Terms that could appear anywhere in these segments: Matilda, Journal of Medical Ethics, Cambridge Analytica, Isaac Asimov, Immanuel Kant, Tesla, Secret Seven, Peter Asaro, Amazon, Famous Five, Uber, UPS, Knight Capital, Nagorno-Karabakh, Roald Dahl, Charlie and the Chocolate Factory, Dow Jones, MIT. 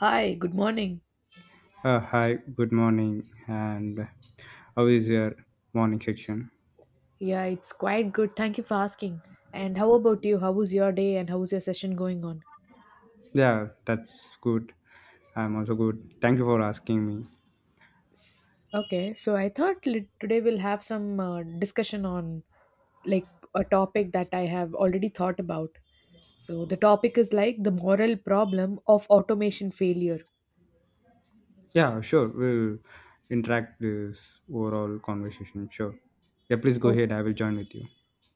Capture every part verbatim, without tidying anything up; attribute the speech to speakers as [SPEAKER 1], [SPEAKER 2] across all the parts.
[SPEAKER 1] Hi, good morning.
[SPEAKER 2] Uh, hi, good morning, and how is your morning section?
[SPEAKER 1] Yeah, it's quite good. Thank you for asking. And how about you? How was your day and how was your session going on?
[SPEAKER 2] Yeah, that's good. I'm also good. Thank you for asking me.
[SPEAKER 1] Okay, so I thought lit- today we'll have some uh, discussion on like a topic that I have already thought about. So the topic is like the moral problem of automation failure.
[SPEAKER 2] Yeah, sure. We'll interact this overall conversation. Sure. Yeah, please go
[SPEAKER 1] Oh.
[SPEAKER 2] ahead. I will join with you.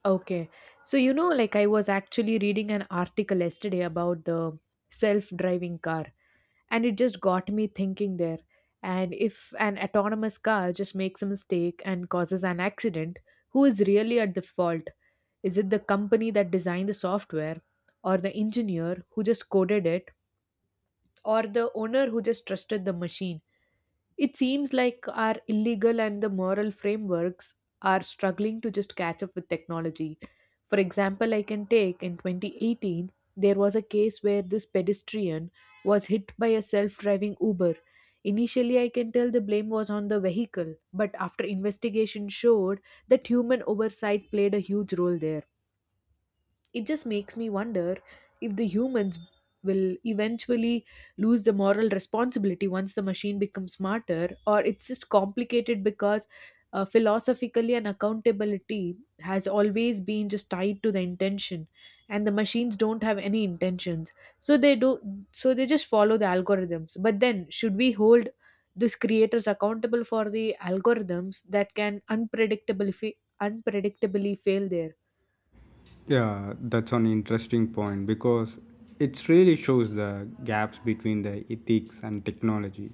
[SPEAKER 1] Okay. So you know like I was actually reading an article yesterday about the self-driving car, and it just got me thinking there. And if an autonomous car just makes a mistake and causes an accident, who is really at the fault? Is it the company that designed the software, or the engineer who just coded it, or the owner who just trusted the machine? It seems like our illegal and the moral frameworks are struggling to just catch up with technology. For example, I can take in twenty eighteen, there was a case where this pedestrian was hit by a self driving Uber. Initially, I can tell the blame was on the vehicle, but after investigation showed that human oversight played a huge role there. It just makes me wonder if the humans will eventually lose the moral responsibility once the machine becomes smarter, or it's just complicated because uh, philosophically and accountability has always been just tied to the intention, and the machines don't have any intentions, so they do so they just follow the algorithms. But then should we hold these creators accountable for the algorithms that can unpredictably fa- unpredictably fail there?
[SPEAKER 2] Yeah, that's an interesting point because it really shows the gaps between the ethics and technology.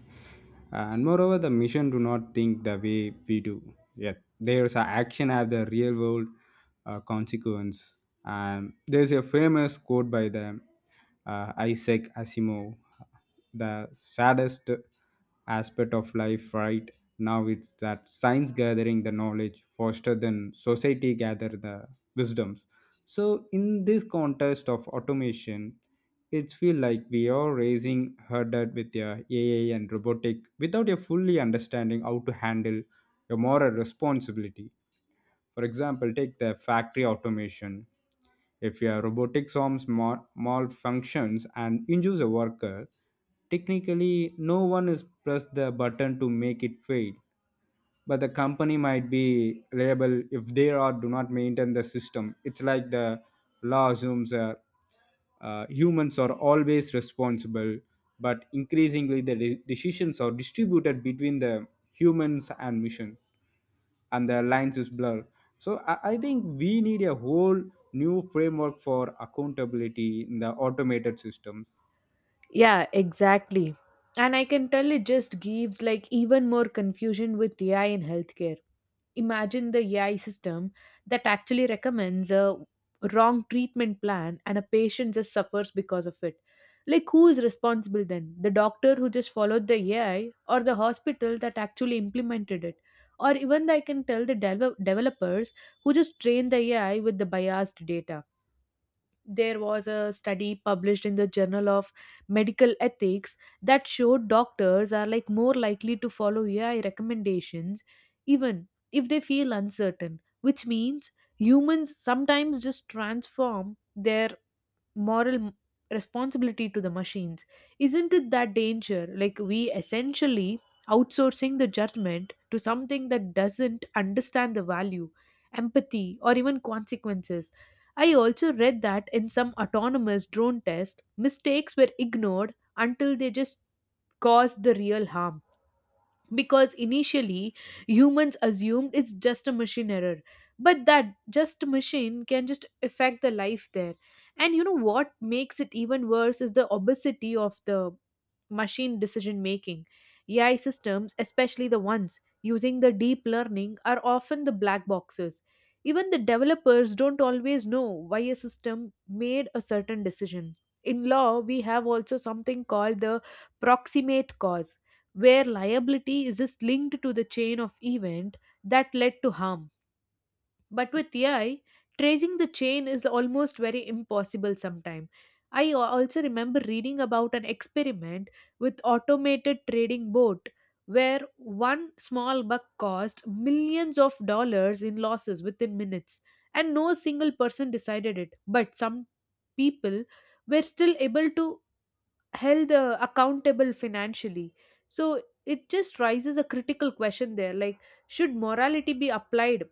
[SPEAKER 2] And moreover, the mission do not think the way we do. Yet there's a action have the real world uh, consequence. And there's a famous quote by the uh, Isaac Asimov: the saddest aspect of life right now, it's that science gathering the knowledge faster than society gather the wisdoms. So in this context of automation, it feel like we are raising herded with your A I and robotic without a fully understanding how to handle your moral responsibility. For example, take the factory automation. If a robotic arm mal- malfunctions and injures a worker, technically no one is pressed the button to make it fail, but the company might be liable if they are do not maintain the system. It's like the law assumes uh, uh, humans are always responsible, but increasingly the de- decisions are distributed between the humans and mission, and the lines is blurred. So I, I think we need a whole new framework for accountability in the automated systems.
[SPEAKER 1] Yeah, exactly. And I can tell it just gives like even more confusion with A I in healthcare. Imagine the A I system that actually recommends a wrong treatment plan and a patient just suffers because of it. Like, who is responsible then? The doctor who just followed the A I, or the hospital that actually implemented it? Or even I can tell the devel- developers who just train the A I with the biased data. There was a study published in the Journal of Medical Ethics that showed doctors are like more likely to follow A I recommendations even if they feel uncertain, which means humans sometimes just transform their moral m- responsibility to the machines. Isn't it that danger? Like, we essentially outsourcing the judgment to something that doesn't understand the value, empathy, or even consequences. I also read that in some autonomous drone tests, mistakes were ignored until they just caused the real harm, because initially humans assumed it's just a machine error, but that just machine can just affect the life there. And you know what makes it even worse is the obesity of the machine decision making. A I systems, especially the ones using the deep learning, are often the black boxes. Even the developers don't always know why a system made a certain decision. In law, we have also something called the proximate cause, where liability is just linked to the chain of event that led to harm, but with AI tracing the chain is almost very impossible sometimes. I a- also remember reading about an experiment with automated trading boat where one small bug cost millions of dollars in losses within minutes, and no single person decided it, but some people were still able to held uh, accountable financially. So it just raises a critical question there, like should morality be applied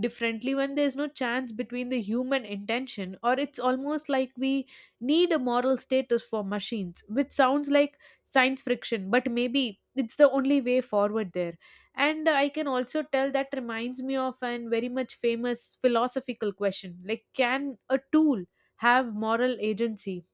[SPEAKER 1] differently when there's no chance between the human intention, or it's almost like we need a moral status for machines, which sounds like science friction, but maybe it's the only way forward there. And I can also tell that reminds me of an very much famous philosophical question, like can a tool have moral agency?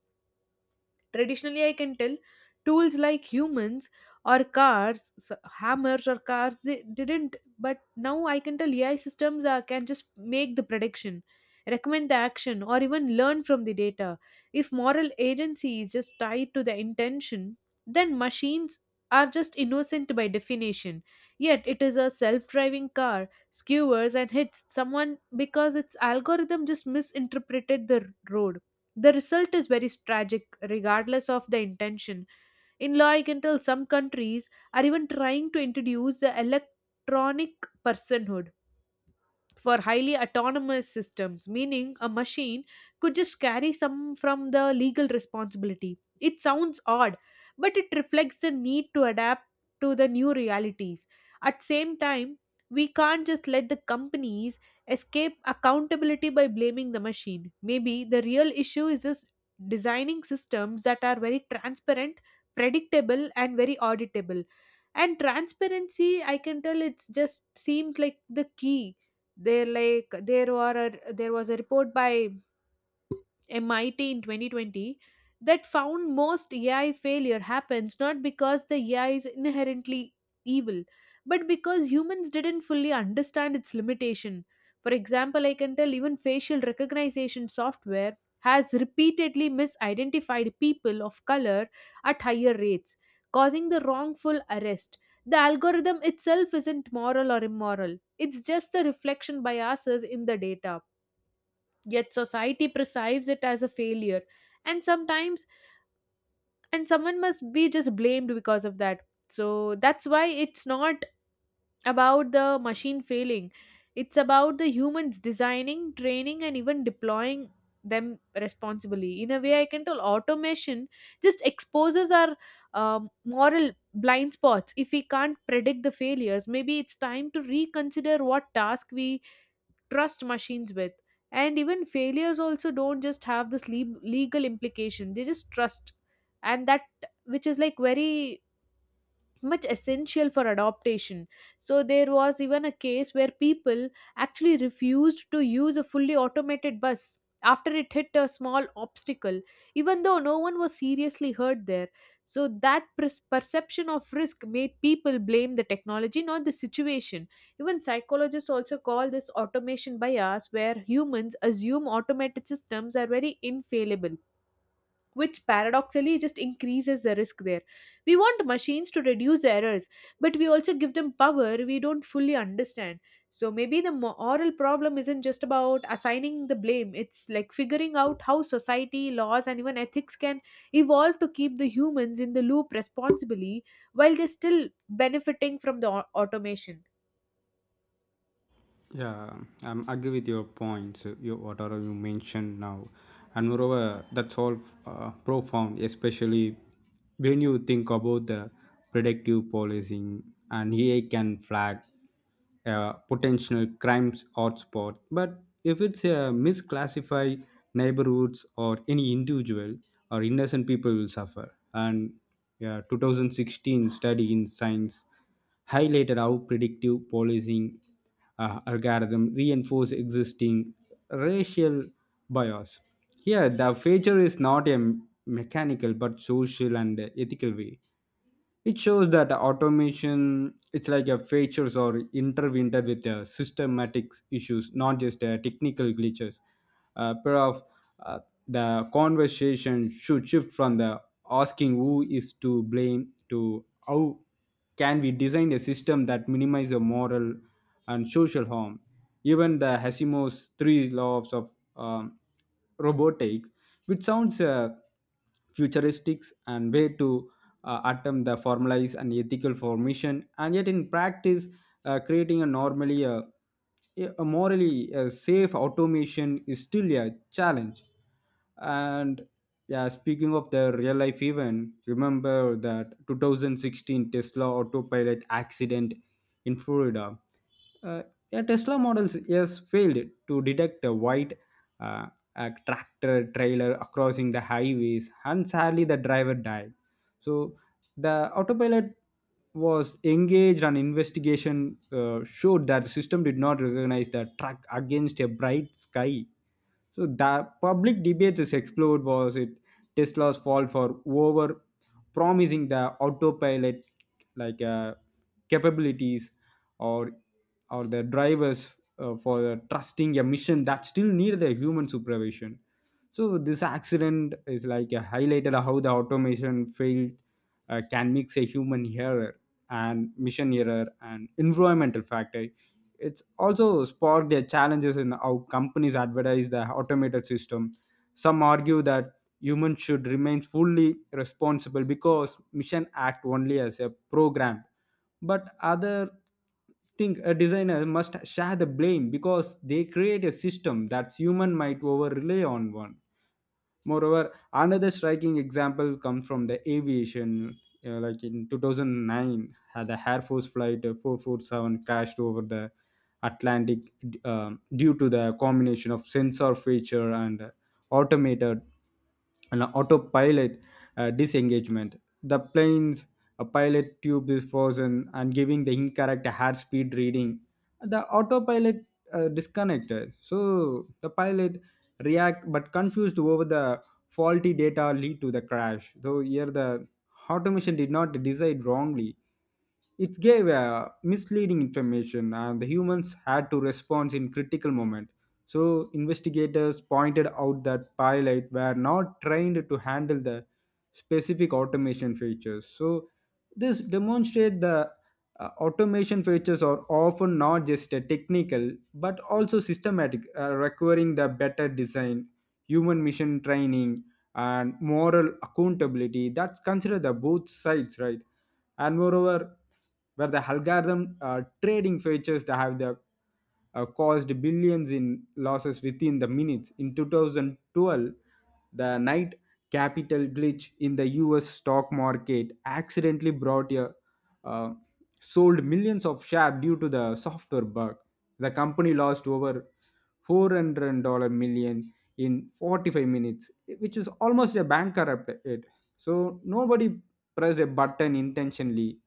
[SPEAKER 1] Traditionally, I can tell tools like humans or cars, s- hammers or cars, they didn't. But now I can tell A I systems uh, can just make the prediction, recommend the action, or even learn from the data. If moral agency is just tied to the intention, then machines are just innocent by definition. Yet it is a self driving car skewers and hits someone because its algorithm just misinterpreted the road. The result is very tragic, regardless of the intention. In law, I can tell some countries are even trying to introduce the electronic personhood for highly autonomous systems, meaning a machine could just carry some from the legal responsibility. It sounds odd, but it reflects the need to adapt to the new realities. At same time, we can't just let the companies escape accountability by blaming the machine. Maybe the real issue is just designing systems that are very transparent, predictable, and very auditable. And transparency I can tell it's just seems like the key there, like there were a, there was a report by M I T in twenty twenty that found most A I failure happens not because the A I is inherently evil, but because humans didn't fully understand its limitation. For example, I can tell even facial recognition software has repeatedly misidentified people of color at higher rates, causing the wrongful arrest. The algorithm itself isn't moral or immoral, it's just the reflection biases in the data, yet society perceives it as a failure, and sometimes and someone must be just blamed because of that. So that's why it's not about the machine failing, it's about the humans designing training and even deploying them responsibly. In a way I can tell automation just exposes our um, moral blind spots. If we can't predict the failures, maybe it's time to reconsider what task we trust machines with. And even failures also don't just have this le- legal implication, they just trust and that, which is like very much essential for adaptation. So there was even a case where people actually refused to use a fully automated bus after it hit a small obstacle, even though no one was seriously hurt there. So that pres- perception of risk made people blame the technology, not the situation. Even psychologists also call this automation bias, where humans assume automated systems are very infallible, which paradoxically just increases the risk there. We want machines to reduce errors, but we also give them power we don't fully understand. So maybe the moral problem isn't just about assigning the blame, it's like figuring out how society, laws, and even ethics can evolve to keep the humans in the loop responsibly while they're still benefiting from the au- automation.
[SPEAKER 2] Yeah, I'm agree with your points. uh, You whatever you mentioned now, and moreover, that's all uh, profound, especially when you think about the predictive policing, and A I can flag uh, potential crimes hotspot. But if it's a misclassify neighborhoods or any individual or innocent people will suffer. And yeah, twenty sixteen study in science highlighted how predictive policing uh, algorithm reinforce existing racial bias. Here, the failure is not a mechanical but social and ethical way. It shows that automation it's like a features or intervened with the systematic issues, not just uh, technical glitches. Uh, pair of uh, the conversation should shift from the asking who is to blame to how can we design a system that minimizes the moral and social harm. Even the Hasimov's three laws of um, robotics, which sounds uh, futuristic and way to uh, attempt the formalized and ethical formation, and yet in practice, uh, creating a normally uh, a morally uh, safe automation is still a challenge. And yeah, speaking of the real life event, remember that twenty sixteen Tesla autopilot accident in Florida. Uh, a Tesla Model S failed to detect a white uh, a tractor trailer crossing the highways, and sadly the driver died. So the autopilot was engaged, and investigation uh, showed that the system did not recognize the truck against a bright sky. So the public debate is explored: was it Tesla's fault for over promising the autopilot like uh, capabilities, or or the drivers uh, for trusting a mission that still needed a human supervision? So this accident is like a highlighted how the automation failed uh, can mix a human error and mission error and environmental factor. It's also sparked their challenges in how companies advertise the automated system. Some argue that humans should remain fully responsible because mission act only as a program. But other think a designer must share the blame because they create a system that human might over rely on one. Moreover, another striking example comes from the aviation. Uh, like in two thousand nine, had the Air Force Flight uh, four four seven crashed over the Atlantic d- um, due to the combination of sensor feature and uh, automated and autopilot uh, disengagement. The plane's uh, pilot tube is frozen and giving the incorrect airspeed reading. The autopilot uh, disconnected. So the pilot react but confused over the faulty data lead to the crash. So here the automation did not decide wrongly. It gave uh, misleading information, and the humans had to respond in critical moment. So investigators pointed out that pilot were not trained to handle the specific automation features. So this demonstrate the uh, automation features are often not just uh, technical but also systematic, uh, requiring the better design, human mission training, and moral accountability. That's considered the both sides, right? And moreover, where the algorithm uh, trading features that have the uh, caused billions in losses within the minutes. In two thousand twelve, the night capital glitch in the U S stock market accidentally brought a uh, sold millions of shares due to the software bug. The company lost over four million dollar million in forty-five minutes, which is almost a bankrupt. It so nobody press a button intentionally.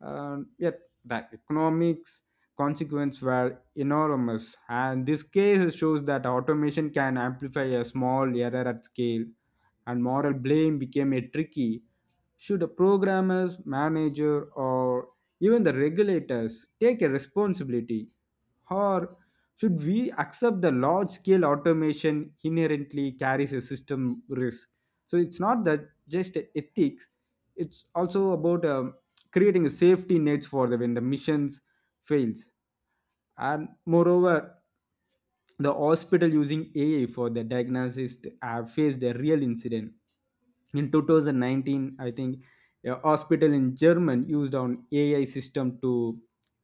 [SPEAKER 2] And yet, the economics consequences were enormous. And this case shows that automation can amplify a small error at scale, and moral blame became a tricky. Should a programmers, manager, or even the regulators take a responsibility, or should we accept the large scale automation inherently carries a system risk? So it's not that just ethics; it's also about um, creating a safety nets for the when the missions fails. And moreover, the hospital using A I for the diagnosis have faced a real incident in twenty nineteen, I think. A hospital in german used an A I system to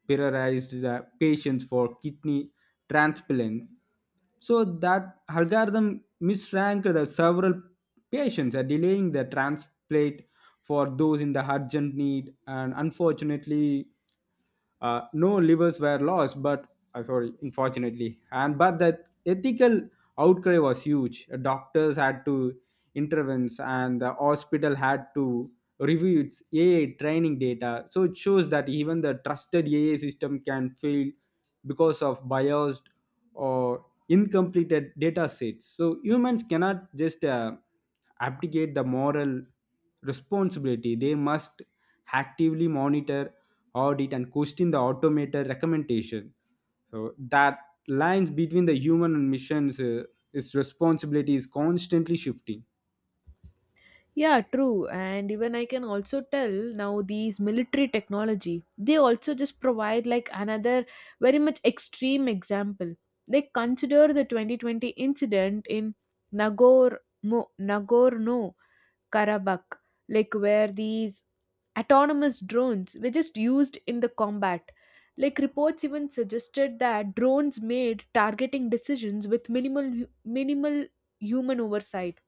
[SPEAKER 2] prioritize the patients for kidney transplants. So that algorithm misranked the several patients are delaying the transplant for those in the urgent need. And unfortunately uh, no livers were lost, but uh, sorry, unfortunately, and but the ethical outcry was huge. Uh, Doctors had to intervene, and the hospital had to review its A I training data. So it shows that even the trusted A I system can fail because of biased or incompleted data sets. So humans cannot just uh, abdicate the moral responsibility. They must actively monitor, audit, and question the automated recommendation. So that lines between the human and missions, uh, its responsibility is constantly shifting.
[SPEAKER 1] Yeah, true. And even I can also tell now these military technology, they also just provide like another very much extreme example. They consider the twenty twenty incident in Nagor Mo- Nagorno-Karabakh, like where these autonomous drones were just used in the combat. Like reports even suggested that drones made targeting decisions with minimal hu- minimal human oversight,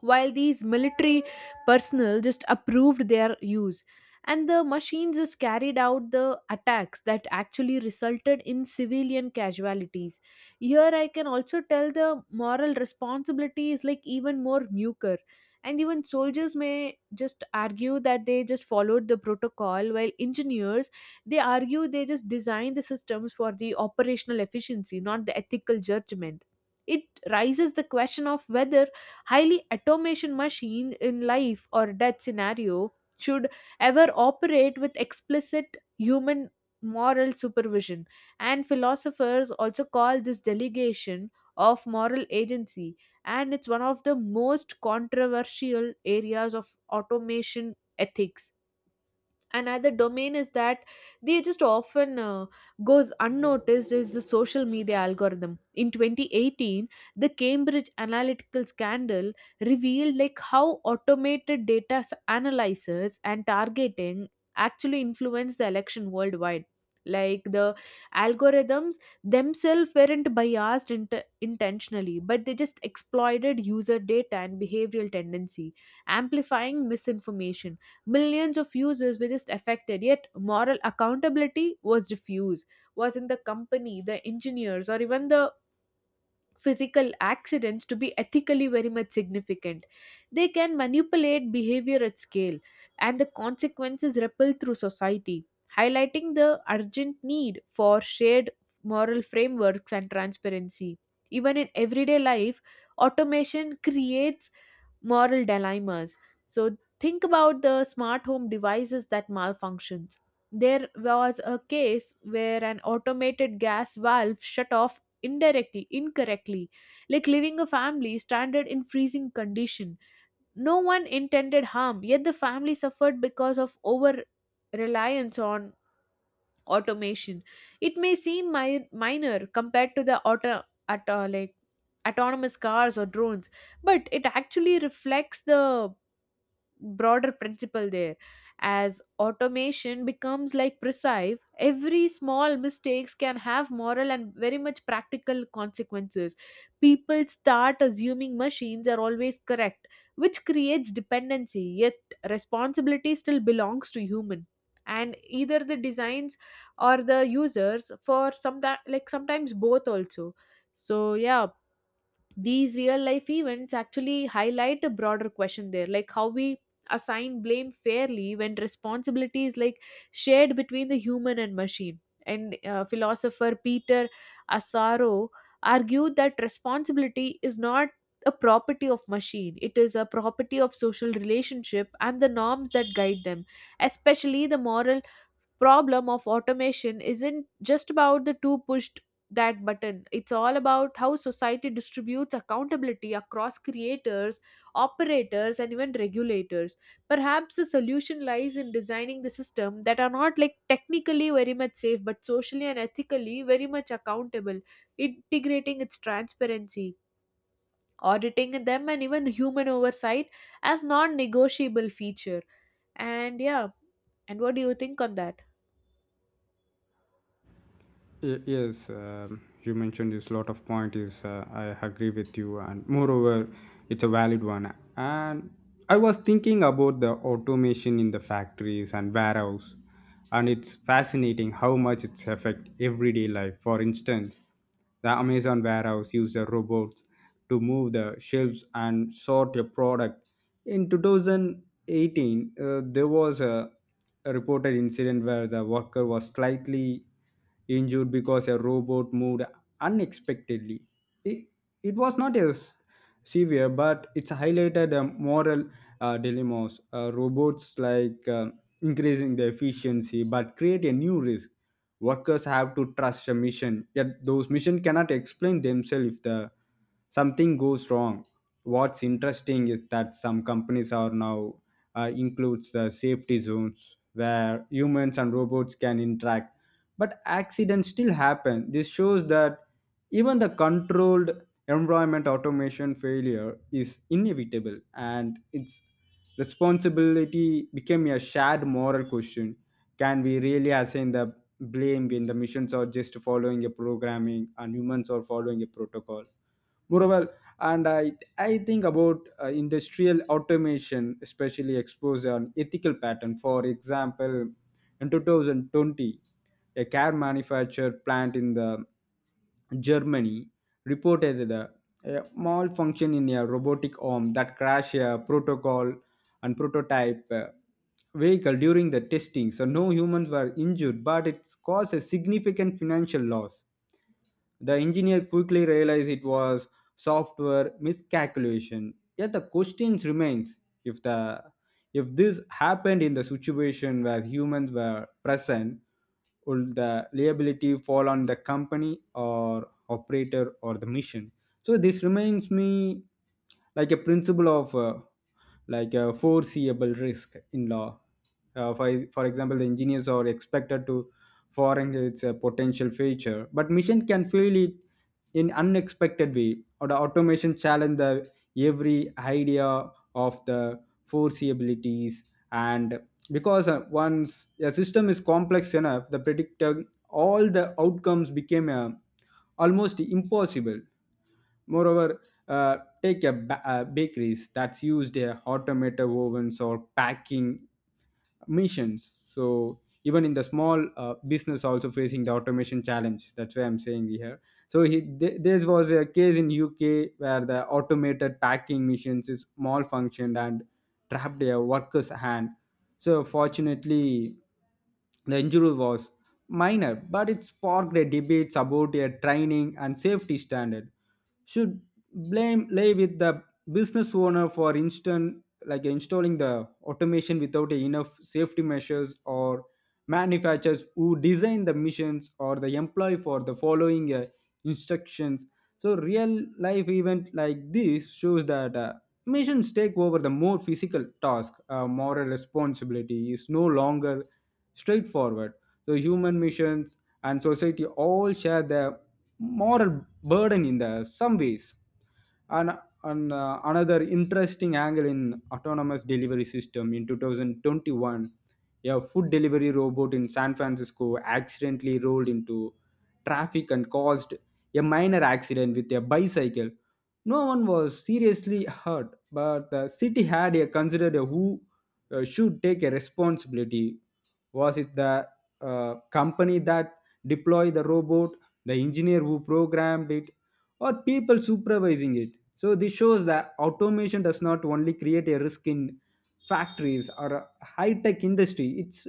[SPEAKER 1] while these military personnel just approved their use, and the machines just carried out the attacks that actually resulted in civilian casualties. Here I can also tell the moral responsibility is like even more nuker, and even soldiers may just argue that they just followed the protocol, while engineers they argue they just designed the systems for the operational efficiency, not the ethical judgment. It raises the question of whether highly automation machine in life or death scenario should ever operate with explicit human moral supervision. And philosophers also call this delegation of moral agency, and it's one of the most controversial areas of automation ethics. Another domain is that they just often uh, goes unnoticed is the social media algorithm in twenty eighteen, the Cambridge Analytical scandal revealed like how automated data s- analysis and targeting actually influence the election worldwide. Like, the algorithms themselves weren't biased int- intentionally, but they just exploited user data and behavioral tendency, amplifying misinformation. Millions of users were just affected, yet moral accountability was diffused. Was in the company, the engineers, or even the physical accidents to be ethically very much significant. They can manipulate behavior at scale, and the consequences ripple through society, highlighting the urgent need for shared moral frameworks and transparency. Even in everyday life, automation creates moral dilemmas. So think about the smart home devices that malfunctions. There was a case where an automated gas valve shut off indirectly incorrectly, like leaving a family stranded in freezing condition. No one intended harm, yet the family suffered because of over reliance on automation. It may seem mi- minor compared to the auto, at, uh, like autonomous cars or drones, but it actually reflects the broader principle there. As automation becomes like precise, every small mistakes can have moral and very much practical consequences. People start assuming machines are always correct, which creates dependency, yet responsibility still belongs to human, and either the designs or the users, for some that like sometimes both also. So yeah, these real life events actually highlight a broader question there, like how we assign blame fairly when responsibility is like shared between the human and machine. And uh, philosopher Peter Asaro argued that responsibility is not a property of machine, it is a property of social relationship and the norms that guide them. Especially the moral problem of automation isn't just about the two push that button. It's all about how society distributes accountability across creators, operators, and even regulators. Perhaps the solution lies in designing the system that are not like technically very much safe, but socially and ethically very much accountable, integrating its transparency, auditing them, and even human oversight as non negotiable feature. And yeah, and what do you think on that?
[SPEAKER 2] Y- yes um, you mentioned this lot of point is uh, I agree with you, and moreover it's a valid one. And I was thinking about the automation in the factories and warehouse, and it's fascinating how much it's affect everyday life. For instance, the Amazon warehouse used the robots to move the shelves and sort your product. In two thousand eighteen, uh, there was a, a reported incident where the worker was slightly injured because a robot moved unexpectedly. It, it was not as severe, but it's highlighted a moral uh, dilemmas. Uh, robots like uh, increasing the efficiency, but create a new risk. Workers have to trust a mission, yet those mission cannot explain themselves if the something goes wrong. What's interesting is that some companies are now uh, includes the safety zones where humans and robots can interact, but accidents still happen. This shows that even the controlled environment automation failure is inevitable, and its responsibility became a shared moral question. Can we really assign the blamed when the missions are just following a programming and humans are following a protocol? Moreover, and I, I think about uh, industrial automation, especially exposed an ethical pattern. For example, in two thousand twenty, a car manufacturer plant in the Germany reported the a malfunction in a robotic arm that crashed a protocol and prototype uh, vehicle during the testing. So no humans were injured, but it caused a significant financial loss. The engineer quickly realized it was software miscalculation. Yet the question remains: if the if this happened in the situation where humans were present, would the liability fall on the company or operator or the mission? So this reminds me like a principle of uh, like a foreseeable risk in law. Uh, for, for example, the engineers are expected to foreign is a potential future, but machine can feel it in unexpected way, or the automation challenge the every idea of the foreseeabilities. And because uh, once a system is complex enough, the predictor all the outcomes became uh, almost impossible. Moreover, uh, take a, ba- uh, bakeries that's used uh, automated ovens or packing missions. So even in the small uh, business also facing the automation challenge, that's why I'm saying here. So he, th- this was a case in U K where the automated packing machines is malfunctioned and trapped a worker's hand. So fortunately the injury was minor, but it sparked a debate about a training and safety standard. Should blame lay with the business owner, for instance like installing the automation without enough safety measures, or manufacturers who design the missions, or the employee for the following uh, instructions? So real life event like this shows that uh, missions take over the more physical task, uh, moral responsibility is no longer straightforward. So human missions and society all share the moral burden in the some ways. And an, uh, another interesting angle in autonomous delivery system in two thousand twenty-one, a food delivery robot in San Francisco accidentally rolled into traffic and caused a minor accident with a bicycle. No one was seriously hurt, but the city had a considered who uh, should take a responsibility. Was it the uh, company that deployed the robot, the engineer who programmed it, or people supervising it? So this shows that automation does not only create a risk in factories or high tech industry. It's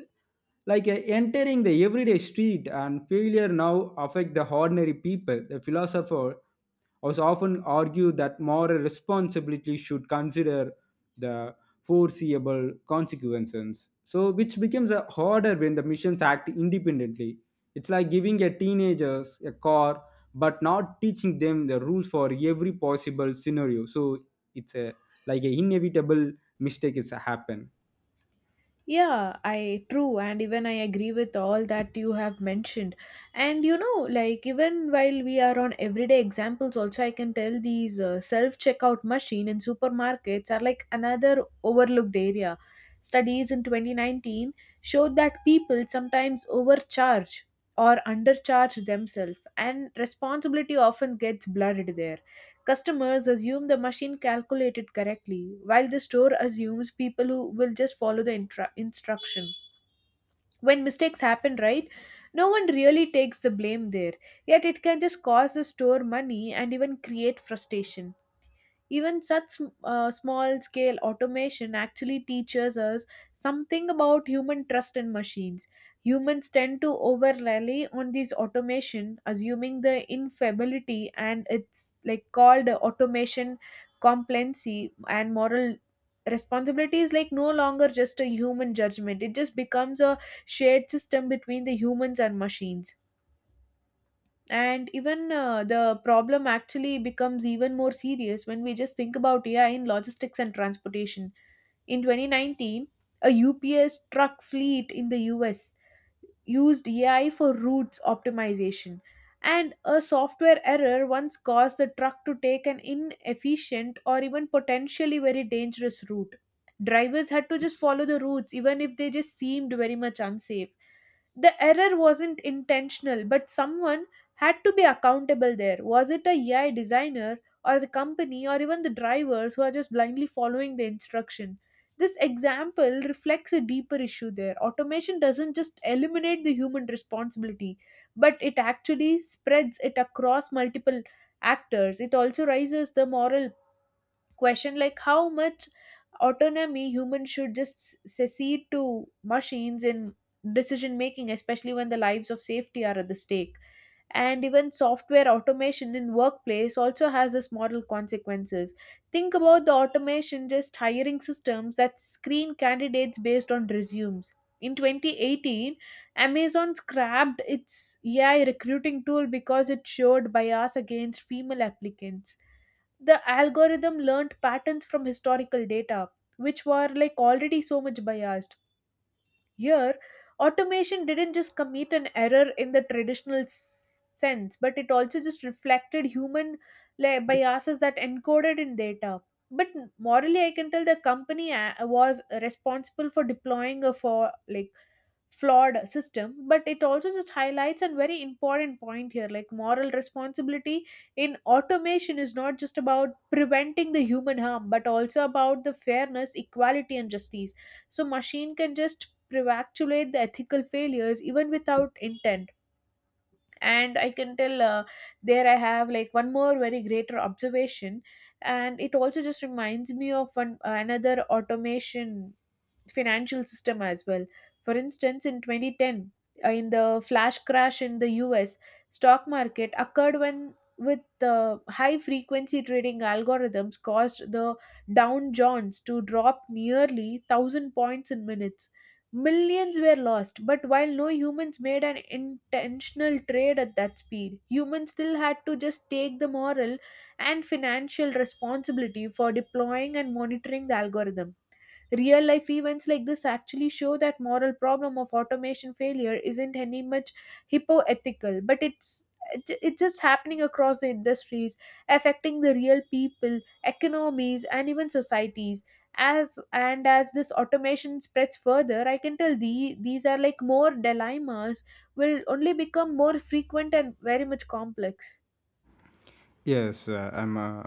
[SPEAKER 2] like uh, entering the everyday street, and failure now affect the ordinary people. The philosopher also often argue that moral responsibility should consider the foreseeable consequences, so which becomes a harder when the missions act independently. It's like giving a teenagers a car, but not teaching them the rules for every possible scenario. So it's a like a inevitable mistake is happen.
[SPEAKER 1] Yeah, I true, and even I agree with all that you have mentioned. And you know, like even while we are on everyday examples, also I can tell these uh, self-checkout machine in supermarkets are like another overlooked area. Studies in twenty nineteen showed that people sometimes overcharge or undercharge themselves, and responsibility often gets blurred there. Customers assume the machine calculated correctly, while the store assumes people who will just follow the intra- instruction. When mistakes happen, right, no one really takes the blame there, yet it can just cost the store money and even create frustration. Even such uh, small scale automation actually teaches us something about human trust in machines. Humans tend to over rely on these automation, assuming the infallibility, and it's like called automation complacency, and moral responsibility is like no longer just a human judgment. It just becomes a shared system between the humans and machines. And even uh, the problem actually becomes even more serious when we just think about A I in logistics and transportation. In twenty nineteen, a U P S truck fleet in the U S used A I for routes optimization, and a software error once caused the truck to take an inefficient or even potentially very dangerous route. Drivers had to just follow the routes, even if they just seemed very much unsafe. The error wasn't intentional, but someone had to be accountable there. Was it a AI designer or the company or even the drivers who are just blindly following the instruction? This example reflects a deeper issue there. Automation doesn't just eliminate the human responsibility, but it actually spreads it across multiple actors. It also raises the moral question, like how much autonomy humans should just secede to machines in decision making, especially when the lives of safety are at the stake. And even software automation in workplace also has this moral consequences. Think about the automation just hiring systems that screen candidates based on resumes. In twenty eighteen, Amazon scrapped its AI recruiting tool because it showed bias against female applicants. The algorithm learned patterns from historical data, which were like already so much biased. Here automation didn't just commit an error in the traditional s- sense, but it also just reflected human, like, biases that encoded in data. But morally I can tell the company a- was responsible for deploying a for like flawed system, but it also just highlights a very important point here, like moral responsibility in automation is not just about preventing the human harm but also about the fairness, equality and justice. So machine can just prevactulate the ethical failures even without intent. And I can tell uh, there I have like one more very greater observation, and it also just reminds me of one another automation financial system as well. For instance, in twenty ten, uh, in the flash crash in the U S, stock market occurred when with the high frequency trading algorithms caused the Dow Jones to drop nearly a thousand points in minutes. Millions were lost, but while no humans made an intentional trade at that speed, humans still had to just take the moral and financial responsibility for deploying and monitoring the algorithm. Real life events like this actually show that moral problem of automation failure isn't any much hypoethical, but it's it's just happening across the industries, affecting the real people, economies, and even societies. As and as this automation spreads further, I can tell the these are like more dilemmas will only become more frequent and very much complex.
[SPEAKER 2] Yes, uh, I'm. Uh,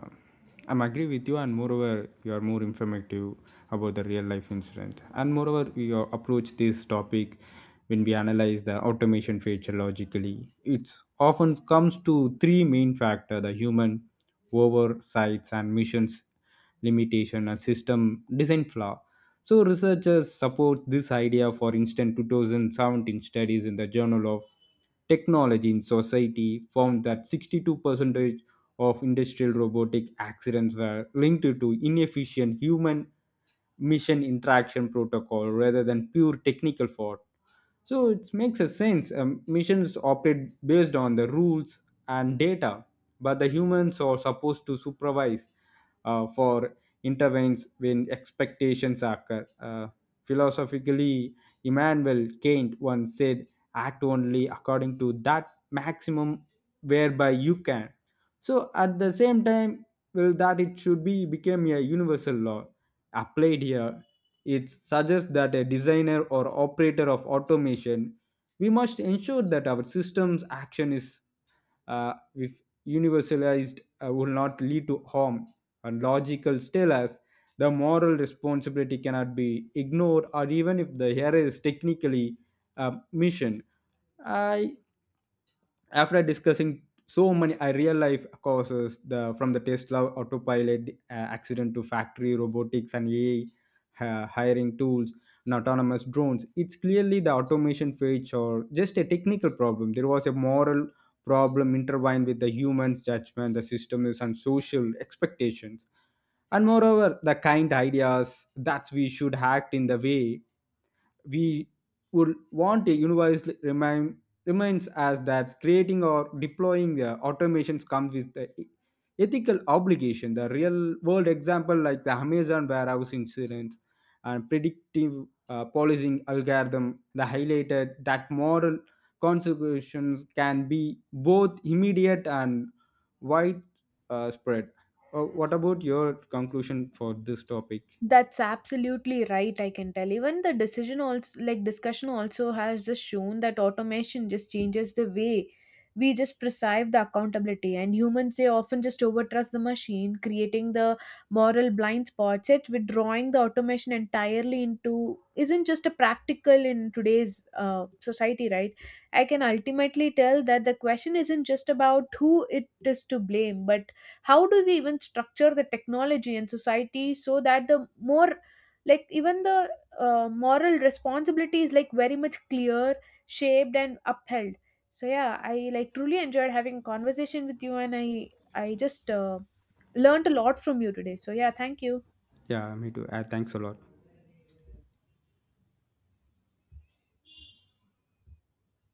[SPEAKER 2] I'm agree with you, and moreover, you are more informative about the real life incident. And moreover, we uh, approach this topic when we analyze the automation feature logically. It often comes to three main factor: the human oversights and missions limitation and system design flaw. So researchers support this idea. For instance, twenty seventeen studies in the Journal of Technology in Society found that sixty-two percent of industrial robotic accidents were linked to inefficient human mission interaction protocol rather than pure technical fault. So it makes a sense. Um, missions operate based on the rules and data, but the humans are supposed to supervise uh, for intervenes when expectations occur. Uh, philosophically, Immanuel Kant once said, "Act only according to that maximum whereby you can." So at the same time, well, that it should be become a universal law applied here. It suggests that a designer or operator of automation, we must ensure that our system's action is, uh, if universalized, uh, will not lead to harm. And logical tell us the moral responsibility cannot be ignored, or even if the error is technically uh, mission. I, after discussing so many uh, real life causes the from the Tesla autopilot uh, accident to factory robotics and A I uh, hiring tools and autonomous drones, it's clearly the automation phase or just a technical problem. There was a moral problem intertwined with the human's judgment, the system is and social expectations. And moreover, the kind ideas that we should act in the way we would want a universe remain reminds us that creating or deploying the automations comes with the e- ethical obligation. The real world example, like the Amazon warehouse incidents and predictive uh, policing algorithm, the highlighted that moral consequences can be both immediate and widespread. Uh, spread. Uh, what about your conclusion for this topic?
[SPEAKER 1] That's absolutely right, I can tell. Even the decision also like discussion also has just shown that automation just changes the way we just perceive the accountability, and humans they often just overtrust the machine, creating the moral blind spots. Yet withdrawing the automation entirely into isn't just a practical in today's uh, society, right? I can ultimately tell that the question isn't just about who it is to blame, but how do we even structure the technology and society so that the more like even the uh, moral responsibility is like very much clear, shaped and upheld. So yeah, I like truly enjoyed having a conversation with you, and i i just uh, learned a lot from you today. So yeah, thank you.
[SPEAKER 2] Yeah, me too. Uh, thanks a lot.